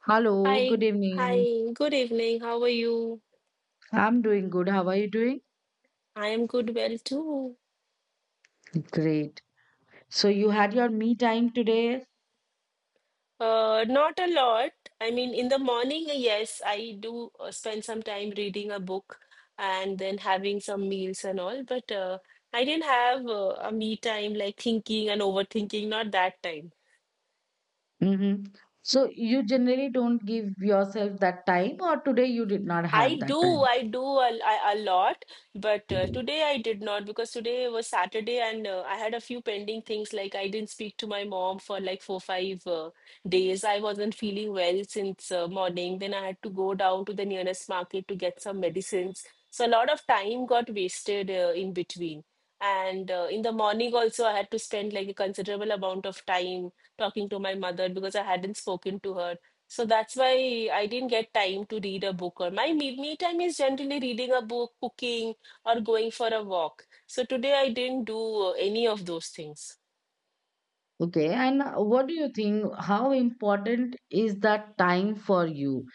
Hello, Hi, good evening. Good evening. How are you? I'm doing good. How are you doing? I am good, well too. Great. So you had your me time today? Not a lot. I mean, in the morning, yes, I do spend some time reading a book and then having some meals and all, but I didn't have a me time like thinking and overthinking, not that time. Mm-hmm. So you generally don't give yourself that time, or today you did not have that time. I do a lot, but today I did not because today was Saturday and I had a few pending things. Like I didn't speak to my mom for like four, five days. I wasn't feeling well since morning. Then I had to go down to the nearest market to get some medicines. So a lot of time got wasted in between. And in the morning also, I had to spend like a considerable amount of time talking to my mother because I hadn't spoken to her, so that's why I didn't get time to read a book. Or my me time is generally reading a book, cooking, or going for a walk. So today I didn't do any of those things. Okay, and what do you think? How important is that time for you?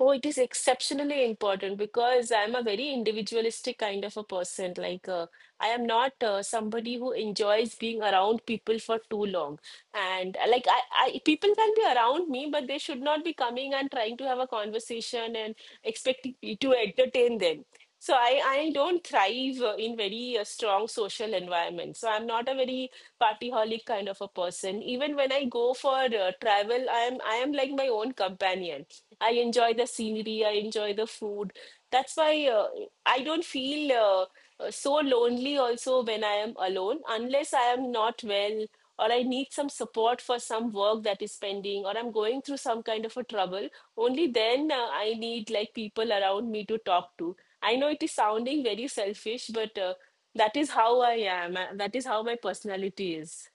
Oh, it is exceptionally important because I'm a very individualistic kind of a person. Like I am not somebody who enjoys being around people for too long. And people can be around me, but they should not be coming and trying to have a conversation and expecting me to entertain them. So I don't thrive in very strong social environment. So I'm not a very partyholic kind of a person. Even when I go for travel, I am like my own companion. I enjoy the scenery. I enjoy the food. That's why I don't feel so lonely also when I am alone, unless I am not well or I need some support for some work that is pending or I'm going through some kind of a trouble. Only then I need like people around me to talk to. I know it is sounding very selfish, but that is how I am. That is how my personality is.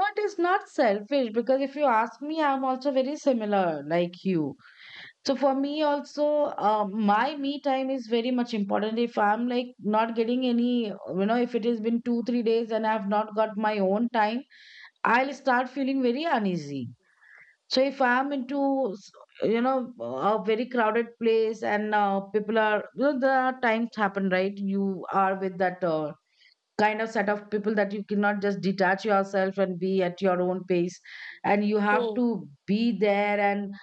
No, it is not selfish because if you ask me, I'm also very similar like you. So for me also, my me time is very much important. If I'm like not getting any, if it has been two, 3 days and I've not got my own time, I'll start feeling very uneasy. So if I'm into a very crowded place and people are, there are times happen, right? You are with that kind of set of people that you cannot just detach yourself and be at your own pace and you have Hmm, to be there and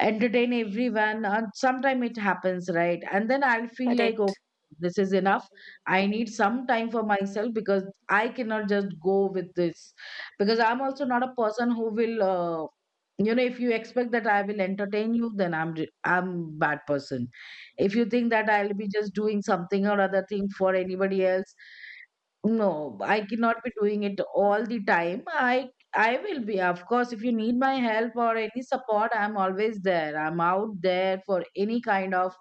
entertain everyone and sometime it happens, right? And then I'll feel like, okay, correct. this is enough. I need some time for myself because I cannot just go with this because I'm also not a person who will if you expect that I will entertain you, then I'm bad person if you think that I'll be just doing something or other thing for anybody else. No, I cannot be doing it all the time. I will be, of course, if you need my help or any support, I'm always there. I'm out there for any kind of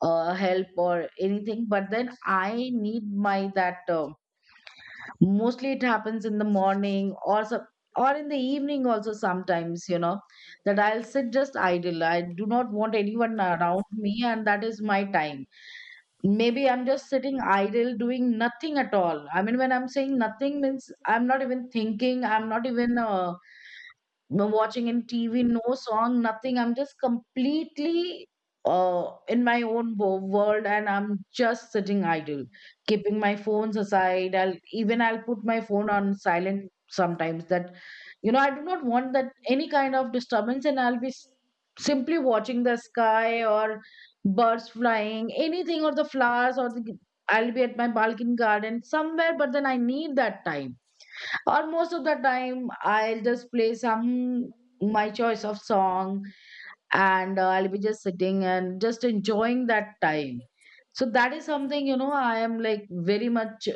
help or anything. But then I need my that mostly it happens in the morning or some, or in the evening also sometimes, that I'll sit just idle. I do not want anyone around me, and that is my time. Maybe I'm just sitting idle doing nothing at all. I mean, when I'm saying nothing means I'm not even thinking, I'm not even no watching in TV, no song, nothing. I'm just completely in my own world, and I'm just sitting idle, keeping my phones aside. I'll put my phone on silent sometimes. I do not want that any kind of disturbance, and I'll be simply watching the sky or birds flying, anything or the flowers or the. I'll be at my balcony garden somewhere, but then I need that time, or most of the time I'll just play some my choice of song and I'll be just sitting and just enjoying that time. So that is something, I am like very much,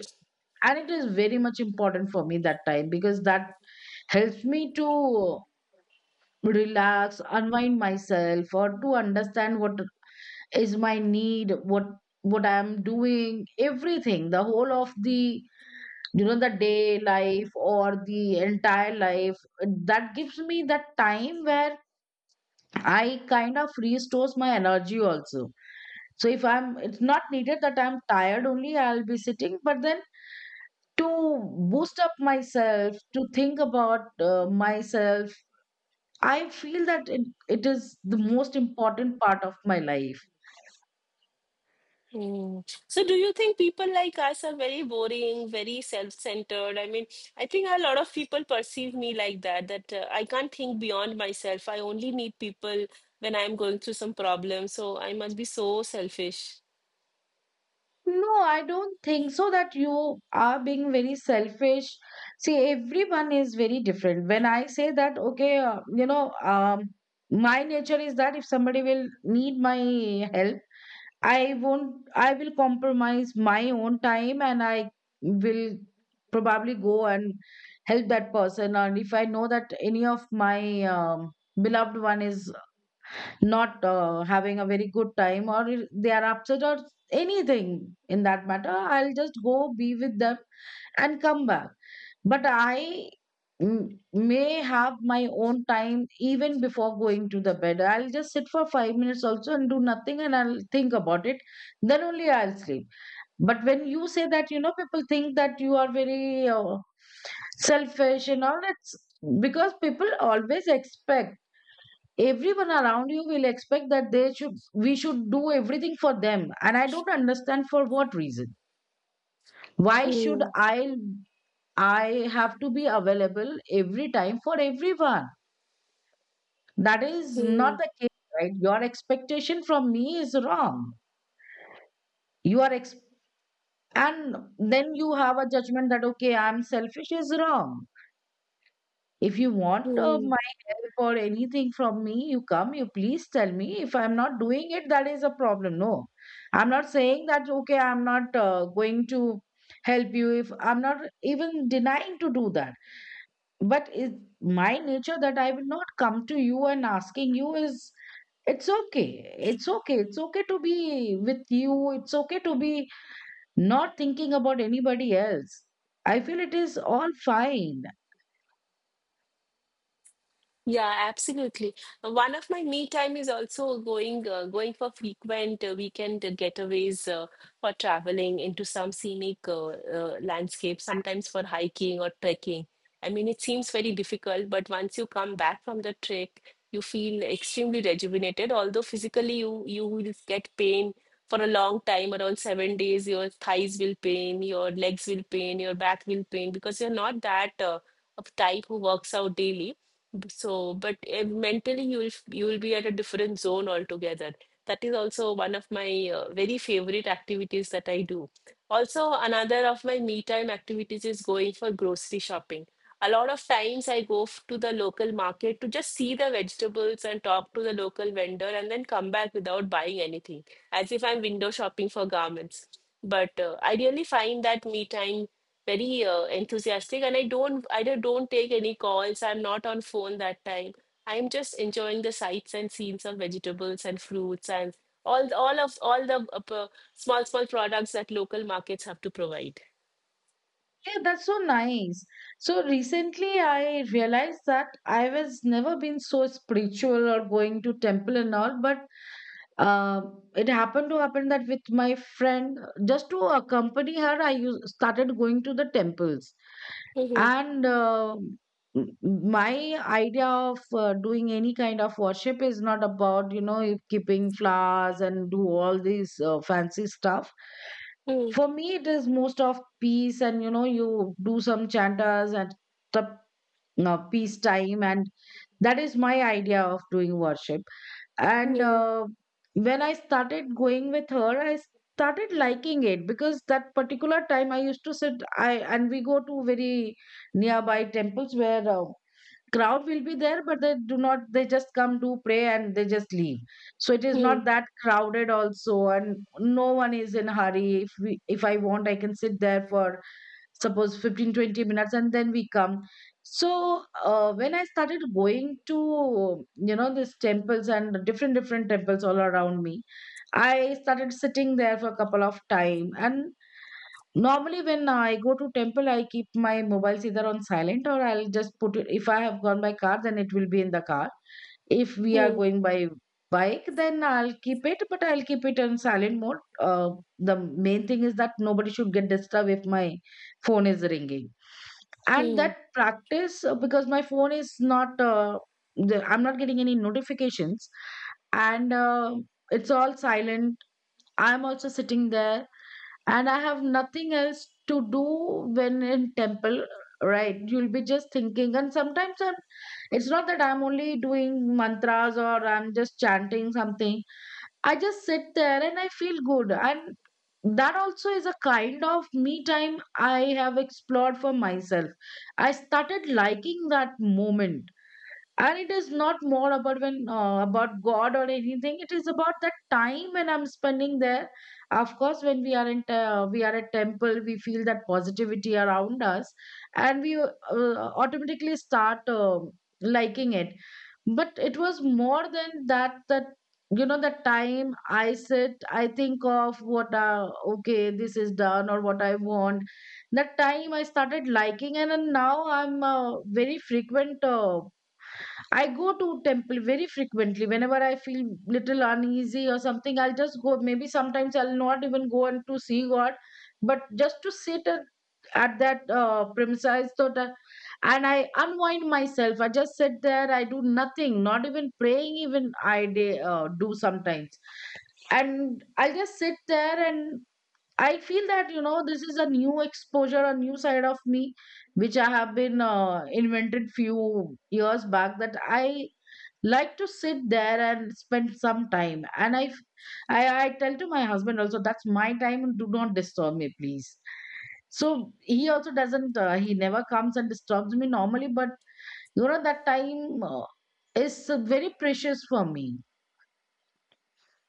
and it is very much important for me that time because that helps me to relax, unwind myself, or to understand what is my need, what I am doing, everything, the whole of the, the day life or the entire life, that gives me that time where I kind of restores my energy also. So if I'm, it's not needed that I'm tired only I'll be sitting, but then to boost up myself to think about myself, I feel that it is the most important part of my life. Hmm. So, do you think people like us are very boring, very self-centered? I mean, I think a lot of people perceive me like that, that I can't think beyond myself. I only need people when I'm going through some problem. So, I must be so selfish. No, I don't think so that you are being very selfish. See, everyone is very different. When I say that, okay, my nature is that if somebody will need my help, I won't, I will compromise my own time and I will probably go and help that person. And if I know that any of my beloved one is not having a very good time or if they are upset or anything in that matter, I'll just go be with them and come back, but I may have my own time even before going to the bed. I'll just sit for 5 minutes also and do nothing and I'll think about it. Then only I'll sleep. But when you say that, you know, people think that you are very selfish and all, it's because people always expect everyone around you will expect that they should we should do everything for them, and I don't understand for what reason. Why should Hmm. I have to be available every time for everyone? That is not the case, right? Your expectation from me is wrong. you are ex- and then you have a judgment that, okay, I'm selfish, is wrong. If you want Hmm. my help or anything from me, you come, you please tell me. If I'm not doing it, that is a problem. No, I'm not saying that, okay, I'm not going to help you. If I'm not even denying to do that. But is my nature that I will not come to you and asking you is, it's okay. It's okay. It's okay to be with you. It's okay to be not thinking about anybody else. I feel it is all fine. Yeah, absolutely. One of my me time is also going for frequent weekend getaways for traveling into some scenic landscape, sometimes for hiking or trekking. I mean, it seems very difficult, but once you come back from the trek, you feel extremely rejuvenated. Although physically you will get pain for a long time, around 7 days, your thighs will pain, your legs will pain, your back will pain because you're not that of type who works out daily, so, but eh, mentally you will you will be at a different zone altogether. That is also one of my very favorite activities that I do. Also, another of my me time activities is going for grocery shopping. A lot of times I go to the local market to just see the vegetables and talk to the local vendor and then come back without buying anything, as if I'm window shopping for garments. But I really find that me time very enthusiastic, and I don't take any calls. I'm not on phone that time. I'm just enjoying the sights and scenes of vegetables and fruits and all the small small products that local markets have to provide. Yeah, that's so nice. So recently I realized that I was never been so spiritual or going to temple and all, but uh, it happened to happen that with my friend, just to accompany her, started going to the temples. Hmm. And my idea of doing any kind of worship is not about, you know, keeping flowers and do all these fancy stuff. Hmm. For me, it is most of peace and, you know, you do some chantas and the peace time and that is my idea of doing worship. And Hmm. When I started going with her, I started liking it because that particular time I used to sit I, and we go to very nearby temples where crowd will be there, but they do not, they just come to pray and they just leave. So it is Hmm. not that crowded also, and no one is in hurry. If we if I want, I can sit there for suppose 15, 20 minutes and then we come. So when I started going to, you know, these temples and different different temples all around me, I started sitting there for a couple of time. And normally, when I go to temple, I keep my mobiles either on silent or I'll just put it. If I have gone by car, then it will be in the car. If we are Hmm. going by bike, then I'll keep it, but I'll keep it on silent mode. The main thing is that nobody should get disturbed if my phone is ringing. And Hmm. that practice, because my phone is not, I'm not getting any notifications, and it's all silent. I'm also sitting there and I have nothing else to do when in temple, right? You'll be just thinking, and it's not that I'm only doing mantras or I'm just chanting something. I just sit there and I feel good, and that also is a kind of me time I have explored for myself. I started liking that moment, and it is not more about when about god or anything. It is about that time when I'm spending there. Of course, when we are we are at temple, we feel that positivity around us and we automatically start liking it. But it was more than that that, you know, the time I sit, I think of what, okay this is done or what I want, that time I started liking. And now I'm a very frequent I go to temple very frequently. Whenever I feel little uneasy or something, I'll just go. Maybe sometimes I'll not even go and to see God, but just to sit at that premises so that, and I unwind myself. I just sit there. I do nothing, not even praying. Even I do sometimes, and I'll just sit there and I feel that, you know, this is a new exposure, a new side of me, which I have been invented few years back. That I like to sit there and spend some time, and I, f- I tell to my husband also, that's my time, do not disturb me please. So he also doesn't he never comes and disturbs me normally, but, you know, that time is very precious for me.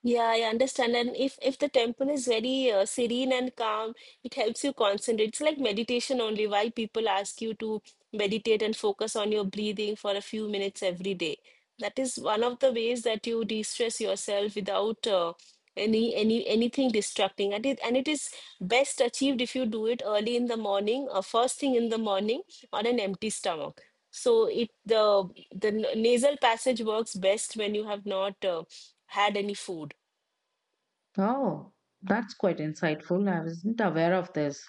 Yeah, I understand. And if the temple is very serene and calm, it helps you concentrate. It's like meditation only. Why people ask you to meditate and focus on your breathing for a few minutes every day. That is one of the ways that you de-stress yourself without any anything distracting. And it is best achieved if you do it early in the morning or first thing in the morning on an empty stomach. So it the nasal passage works best when you have not had any food. Oh, that's quite insightful. I wasn't aware of this.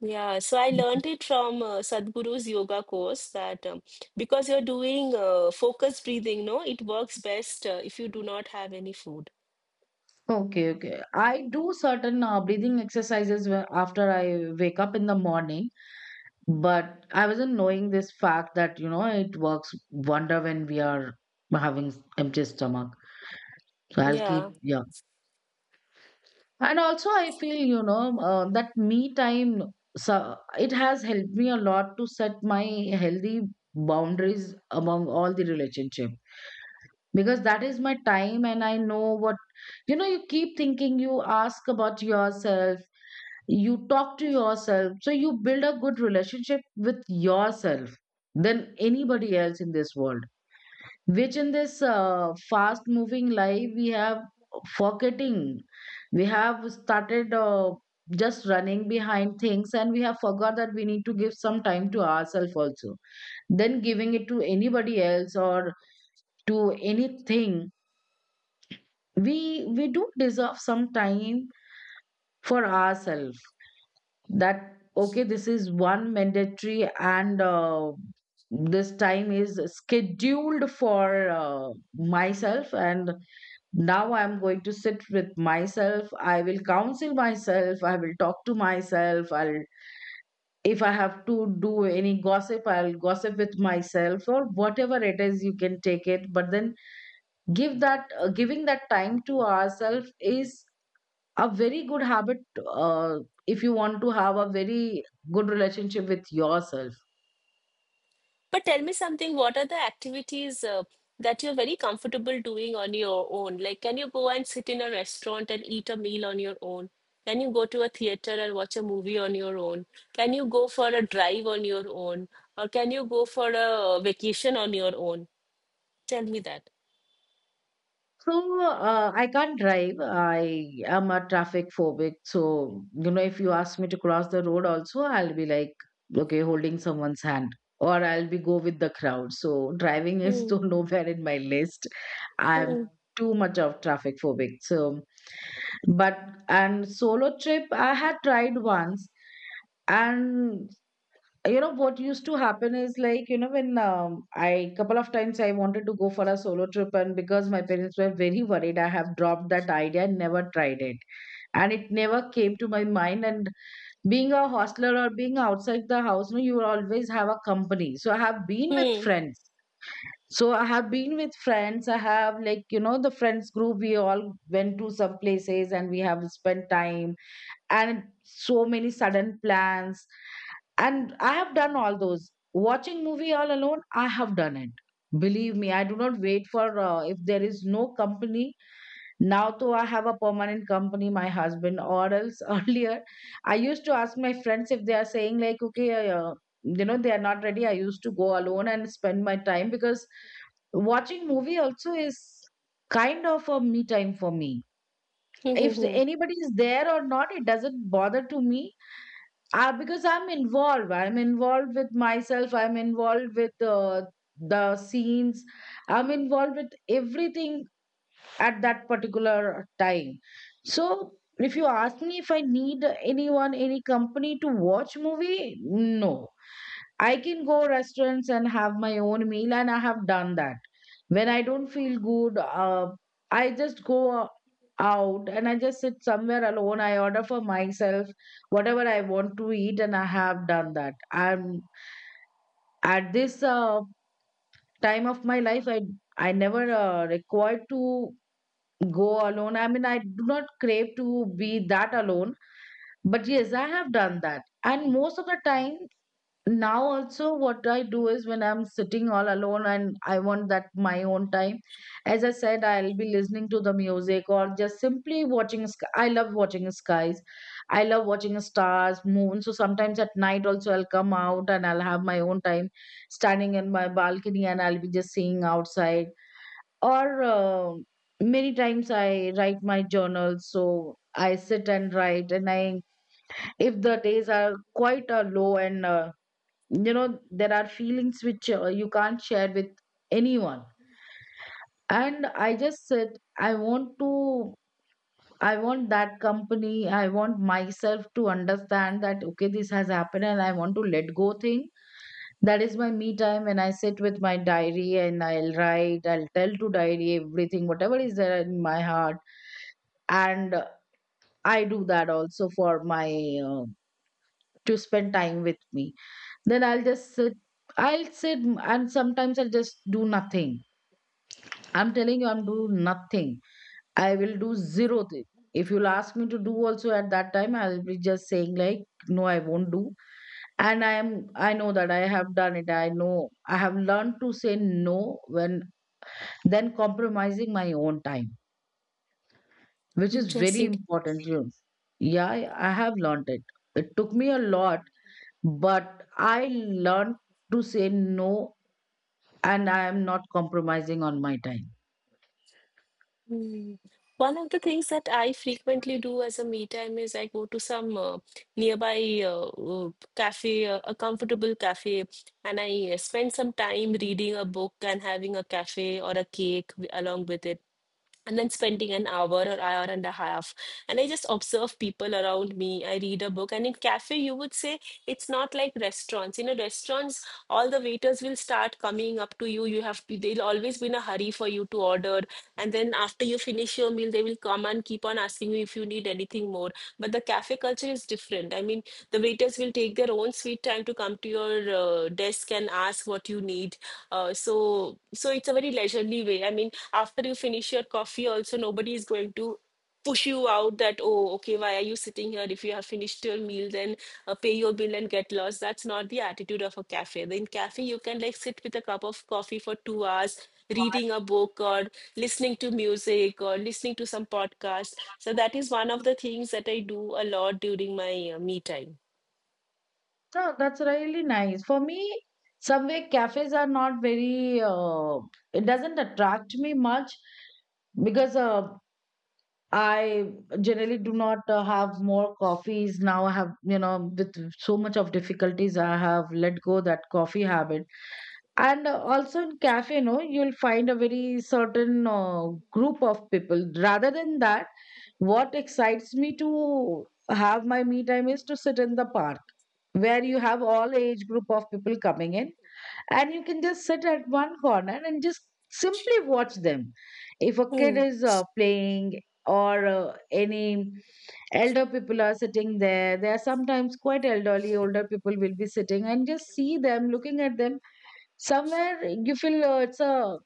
Yeah, so I learned it from Sadhguru's yoga course that because you're doing focused breathing, no, it works best if you do not have any food. Okay, okay. I do certain breathing exercises where after I wake up in the morning. But I wasn't knowing this fact that, you know, it works wonder when we are having empty stomach. So I'll keep, Yeah. yeah. And also, I feel, that me time, so it has helped me a lot to set my healthy boundaries among all the relationship, because that is my time and I know what, you keep thinking, you ask about yourself, you talk to yourself, so you build a good relationship with yourself than anybody else in this world, which in this fast moving life we have forgetting, we have started just running behind things, and we have forgot that we need to give some time to ourselves also then giving it to anybody else or to anything. We do deserve some time for ourselves, that okay, this is one mandatory, and this time is scheduled for myself. And now I'm going to sit with myself, I will counsel myself, I will talk to myself, I'll, if I have to do any gossip, I'll gossip with myself or whatever it is, you can take it, but then give that giving that time to ourselves is a very good habit, uh, if you want to have a very good relationship with yourself. But tell me something, what are the activities that you're very comfortable doing on your own? Like, can you go and sit in a restaurant and eat a meal on your own? Can you go to a theater and watch a movie on your own? Can you go for a drive on your own? Or can you go for a vacation on your own? Tell me that. So I can't drive. I am a traffic phobic. So, you know, if you ask me to cross the road also, I'll be like, okay, holding someone's hand, or I'll be go with the crowd. So driving is Hmm. to nowhere in my list. I'm Hmm. too much of traffic phobic. So, but, and solo trip I had tried once, and you know what used to happen is like, you know when I, couple of times I wanted to go for a solo trip, and because my parents were very worried, I have dropped that idea and never tried it. And it never came to my mind, and being a hostler or being outside the house, no, you will always have a company, so I have been with Hmm. friends, I have, like, you know, the friends group, we all went to some places and we have spent time. And so many sudden plans, and I have done all those, watching movie all alone, I have done it, believe me. I do not wait for, if there is no company. Now though I have a permanent company, my husband, or else earlier I used to ask my friends, if they are saying like, okay, you know, they are not ready, I used to go alone and spend my time because watching movie also is kind of a me time for me. If Mm-hmm. anybody is there or not, it doesn't bother to me, because I'm involved with myself, I'm involved with the scenes, I'm involved with everything at that particular time. So if you ask me if I need anyone, any company to watch movie, no. I can go restaurants and have my own meal, and I have done that. When I don't feel good, I just go out and I just sit somewhere alone. I order for myself whatever I want to eat, and I have done that. I'm at this time of my life. I never required to go alone. I mean, I do not crave to be that alone. But yes, I have done that, and most of the time now also, what I do is, when I'm sitting all alone and I want that my own time, as I said, I'll be listening to the music or just simply watching I love watching skies, I love watching stars, moon. So sometimes at night also, I'll come out and I'll have my own time standing in my balcony, and I'll be just seeing outside. Or many times I write my journal, so I sit and write, and I if the days are quite low, and, you know, there are feelings which you can't share with anyone, and I just said, I want to, I want that company, I want myself to understand that okay, this has happened and I want to let go thing. That is my me time, when I sit with my diary and I'll write, I'll tell to diary everything whatever is there in my heart. And I do that also for my, uh, to spend time with me. Then I'll just sit. I'll sit and sometimes I'll just do nothing. I'm telling you, I'm doing nothing. I will do zero thing. If you'll ask me to do also at that time, I'll be just saying like, no, I won't do. And I am, I know that I have done it. I know I have learned to say no when then compromising my own time, which is very Interesting. important. You know. Yeah, I have learned it. It took me a lot, but I learned to say no, and I am not compromising on my time. Mm. One of the things that I frequently do as a me time is I go to some nearby cafe, a comfortable cafe, and I spend some time reading a book and having a cafe or a along with it, and then spending an hour or hour and a half, and I just observe people around me. I read a book, and in cafe, you would say it's not like restaurants. You know, restaurants, all the waiters will start coming up to you. You have to, they'll always be in a hurry for you to order, and then after you finish your meal, they will come and keep on asking you if you need anything more. But the cafe culture is different. I mean, the waiters will take their own sweet time to come to your desk and ask what you need. So it's a very leisurely way. I mean, after you finish your coffee also, nobody is going to push you out that oh, okay, why are you sitting here? If you have finished your meal, then pay your bill and get lost. That's not the attitude of a cafe. In cafe, you can like sit with a cup of coffee for 2 hours reading a book or listening to music or listening to some podcast. So that is one of the things that I do a lot during my me time. So that's really nice. For me, somewhere cafes are not very, it doesn't attract me much because, I generally do not have more coffees. Now I have, you know, with so much of difficulties, I have let go that coffee habit. And also in cafe, you know, you'll find a very certain group of people. Rather than that, what excites me to have my me time is to sit in the park, where you have all age group of people coming in, and you can just sit at one corner and just simply watch them. If a kid is playing, or any elder people are sitting there, they are sometimes quite elderly, older people will be sitting, and just see them, looking at them, somewhere you feel, it's a,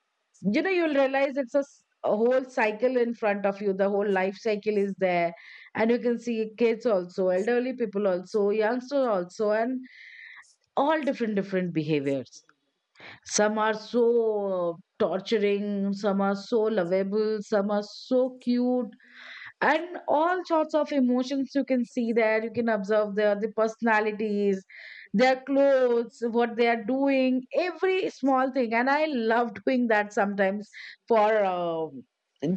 you know, you'll realize it's a, a whole cycle in front of you, the whole life cycle is there. And you can see kids also, elderly people also, youngsters also, and all different different behaviors. Some are so torturing, some are so lovable, some are so cute. And all sorts of emotions you can see there, you can observe the personalities, their clothes, what they are doing, every small thing. And I love doing that sometimes. For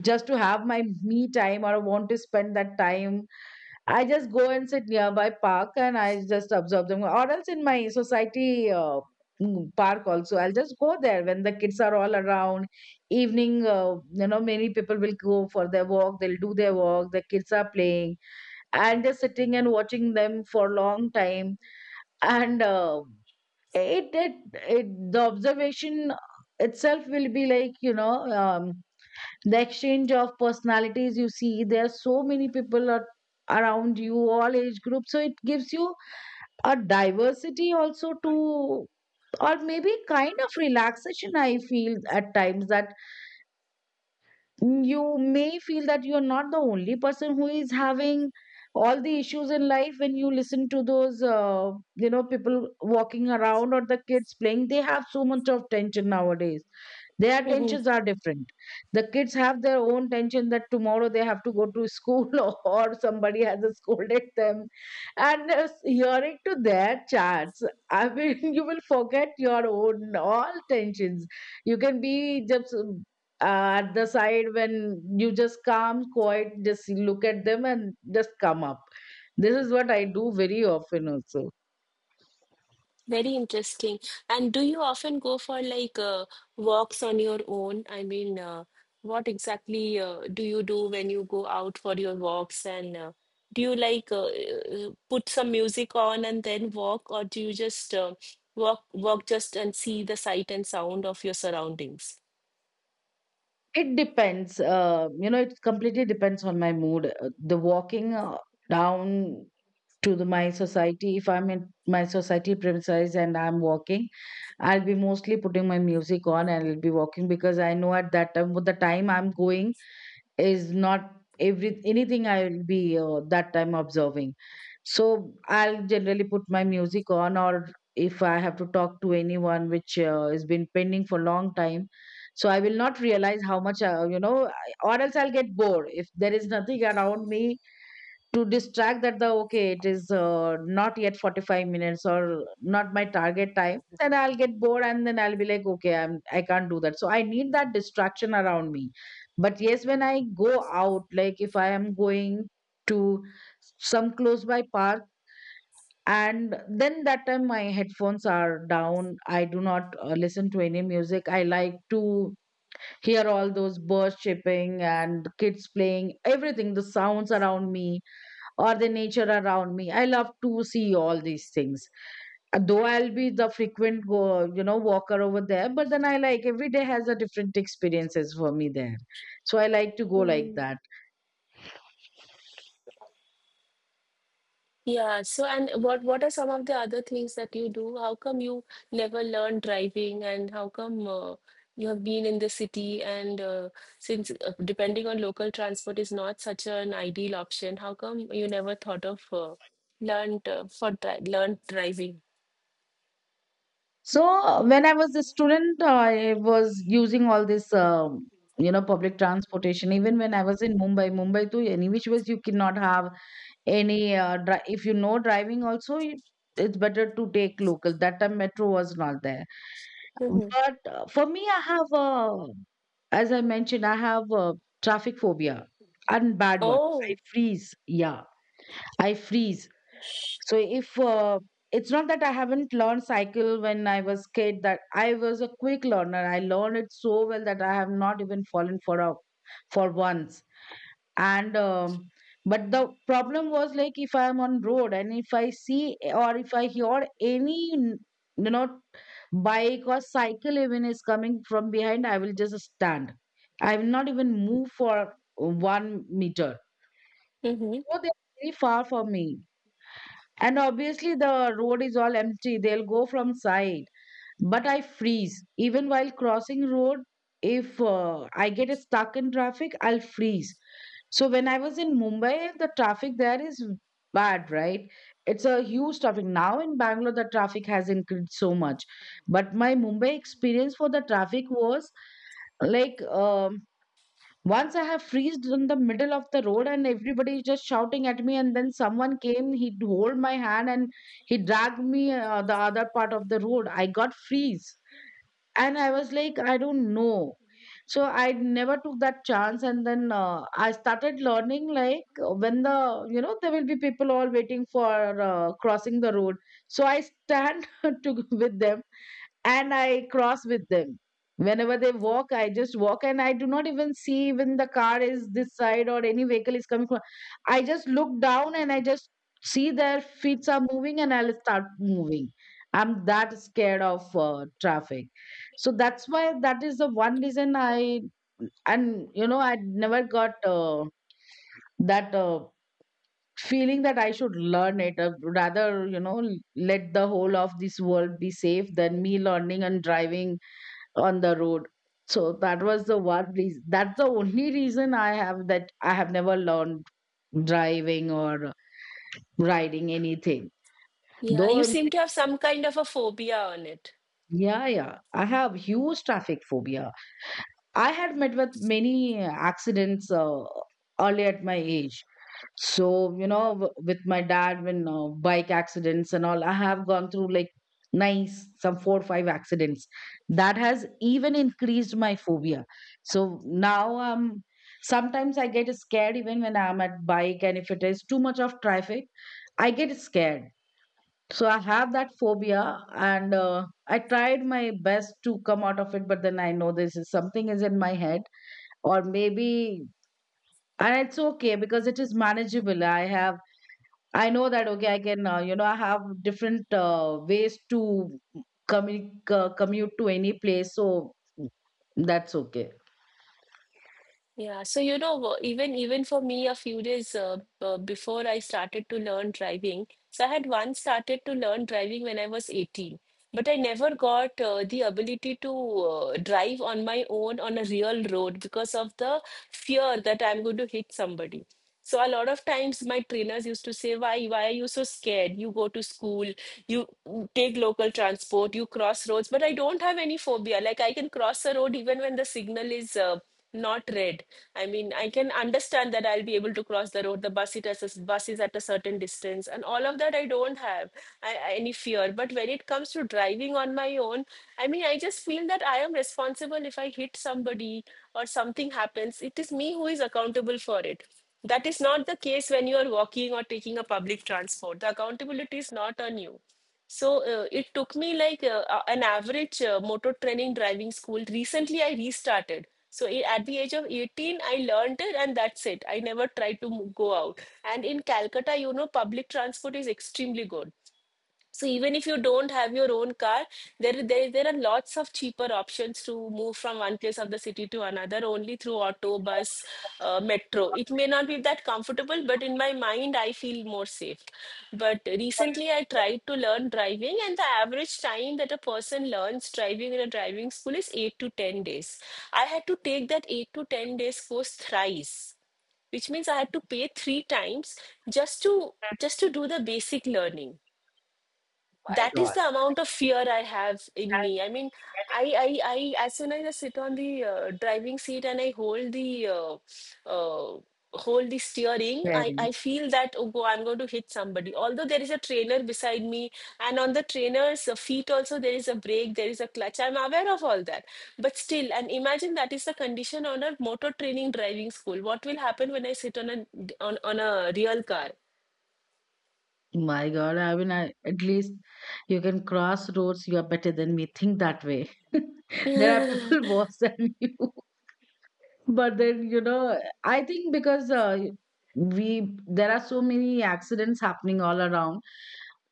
just to have my me time, or I want to spend that time, I just go and sit nearby park, and I just observe them. Or else in my society, park also, I'll just go there when the kids are all around. Evening, you know, many people will go for their walk. They'll do their walk. The kids are playing, and just sitting and watching them for a long time. And it, it, it, the observation itself will be like, you know, um, the exchange of personalities, you see there are so many people around you, all age groups, so it gives you a diversity also to, or maybe kind of relaxation, I feel at times, that you may feel that you are not the only person who is having all the issues in life, when you listen to those, you know, people walking around or the kids playing, they have so much of tension nowadays. Their Hmm. tensions are different. The kids have their own tension that tomorrow they have to go to school, or somebody has scolded them. And hearing to their chats, I mean, you will forget your own all tensions. You can be just at the side, when you just calm, quiet, just look at them and just come up. This is what I do very often also. Very interesting. And do you often go for like walks on your own? I mean, what exactly do you do when you go out for your walks? And do you like put some music on and then walk, or do you just walk walk just and see the sight and sound of your surroundings? It depends, you know, it completely depends on my mood. The walking down to the my society, if I'm in my society premises and I'm walking, I'll be mostly putting my music on and I'll be walking, because I know at that time, with the time I'm going, is not every anything I will be, that time, observing. So I'll generally put my music on, or if I have to talk to anyone which has been pending for long time, so I will not realize how much, you know, or else I'll get bored if there is nothing around me to distract, that the okay, it is not yet 45 minutes or not my target time, then I'll get bored and then I'll be like, okay, I can't do that, so I need that distraction around me. But yes, when I go out, like if I am going to some close by park, and then that time my headphones are down, I do not listen to any music, I like to hear all those birds chirping and kids playing, everything, the sounds around me, or the nature around me. I love to see all these things. Though I'll be the frequent go, you know, walker over there, but then I like, every day has a different experiences for me there. So I like to go like that. Yeah, so and what are some of the other things that you do? How come you never learned driving, and how come you have been in the city, and since depending on local transport is not such an ideal option, how come you never thought of learned driving? So when I was a student, I was using all this, you know, public transportation. Even when I was in Mumbai, Mumbai too, any which ways you cannot have any if you know driving also, it's better to take local. That time metro was not there. Hmm. But for me, I have as I mentioned, I have traffic phobia and bad one. I Oh, freeze. Yeah, I freeze. So if it's not that I haven't learned cycle when I was kid, that I was a quick learner. I learned it so well that I have not even fallen for a for once, and but the problem was like if I am on road and if I see or if I hear any bike or cycle even is coming from behind, I will just stand. I will not even move for 1 meter, mm-hmm. so they're very far from me, and obviously the road is all empty, they'll go from side. But I freeze. Even while crossing road, if I get stuck in traffic, I'll freeze. So when I was in Mumbai, the traffic there is bad, right? It's a huge traffic. Now in Bangalore, the traffic has increased so much. But my Mumbai experience for the traffic was like once I have freezed in the middle of the road and everybody is just shouting at me, and then someone came, he hold my hand and he dragged me the other part of the road. I got freeze and I was like I don't know, so I never took that chance. And then I started learning like when the, there will be people all waiting for crossing the road, so I stand to with them, and I cross with them. Whenever they walk, I just walk, and I do not even see when the car is this side or any vehicle is coming from. I just look down and I just see their feet are moving and I'll start moving. I'm that scared of traffic. So that's why that is the one reason I, and you know, I never got that feeling that I should learn it. Rather, you know, let the whole of this world be safe than me learning and driving on the road. So that was the one reason, that's the only reason I have, that I have never learned driving or riding anything Yeah, you though. seem to have some kind of a phobia on it. Yeah, yeah, I have huge traffic phobia. I had met with many accidents early at my age. So, you know, with my dad, when bike accidents and all, I have gone through like nice, some four or five accidents. That has even increased my phobia. So now sometimes I get scared even when I'm at bike, and if it is too much of traffic, I get scared. So I have that phobia, and I tried my best to come out of it, but then I know this is something is in my head, or maybe, and it's okay because it is manageable. I know that okay, I can you know, I have different ways to commute to any place, so that's okay. Yeah, so you know, even even for me, a few days before I started to learn driving, so I had once started to learn driving when I was 18, but I never got the ability to drive on my own on a real road because of the fear that I'm going to hit somebody, so a lot of times my trainers used to say why are you so scared, you go to school, you take local transport, you cross roads, but I don't have any phobia. Like, I can cross a road even when the signal is not red. I mean, I can understand that I'll be able to cross the road. The bus is at a certain distance, and all of that I don't have any fear. But when it comes to driving on my own, I mean, I just feel that I am responsible if I hit somebody or something happens. It is me who is accountable for it. That is not the case when you are walking or taking a public transport. The accountability is not on you. So it took me like an average motor training driving school. Recently, I restarted. So at the age of 18, I learned it, and that's it. I never tried to go out. And in Calcutta, you know, public transport is extremely good. So even if you don't have your own car, there are lots of cheaper options to move from one place of the city to another only through auto, bus, metro. It may not be that comfortable, but in my mind, I feel more safe. But recently, I tried to learn driving, and the average time that a person learns driving in a driving school is 8 to 10 days. I had to take that 8 to 10 days course thrice, which means I had to pay 3 times just to just to do the basic learning. My That is God, the amount of fear I have in me. I mean, I, I, I, as soon as I sit on the driving seat and I uh, hold the steering, I parents. feel that oh, go, I'm going to hit somebody. Although there is a trainer beside me, and on the trainer's feet also there is a brake, there is a clutch. I'm aware of all that, but still, and imagine that is the condition on a motor training driving school. What will happen when I sit on on a real car? My God, I mean, I, at least you can cross roads. You are better than me. Think that way. There are people worse than you, but then you know I think because we there are so many accidents happening all around,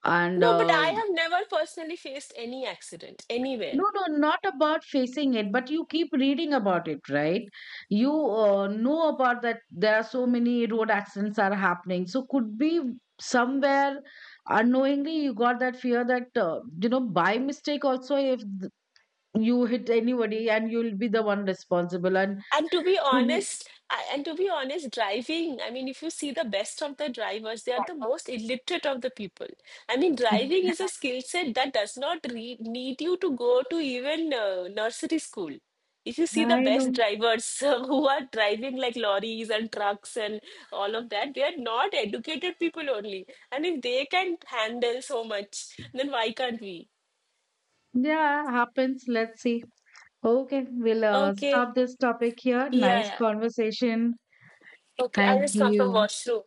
and No, but I have never personally faced any accident no, anywhere. no, not about facing it, but you keep reading about it, right? You know about that there are so many road accidents are happening. So could be somewhere unknowingly you got that fear that you know, by mistake also if you hit anybody and you'll be the one responsible, and And to be could honest, and to be honest, driving, I mean, if you see the best of the drivers, they are the most illiterate of the people. I mean, driving is be- a skill set that does not re need you to go to even nursery school. If you see the I best know. drivers who are driving like lorries and trucks and all of that, they are not educated people only. And if they can handle so much, then why can't we? Yeah, happens. Let's see. Okay, we'll Okay. stop this topic here. Yeah, Nice yeah. conversation. Okay, I Thank just come from you. washroom.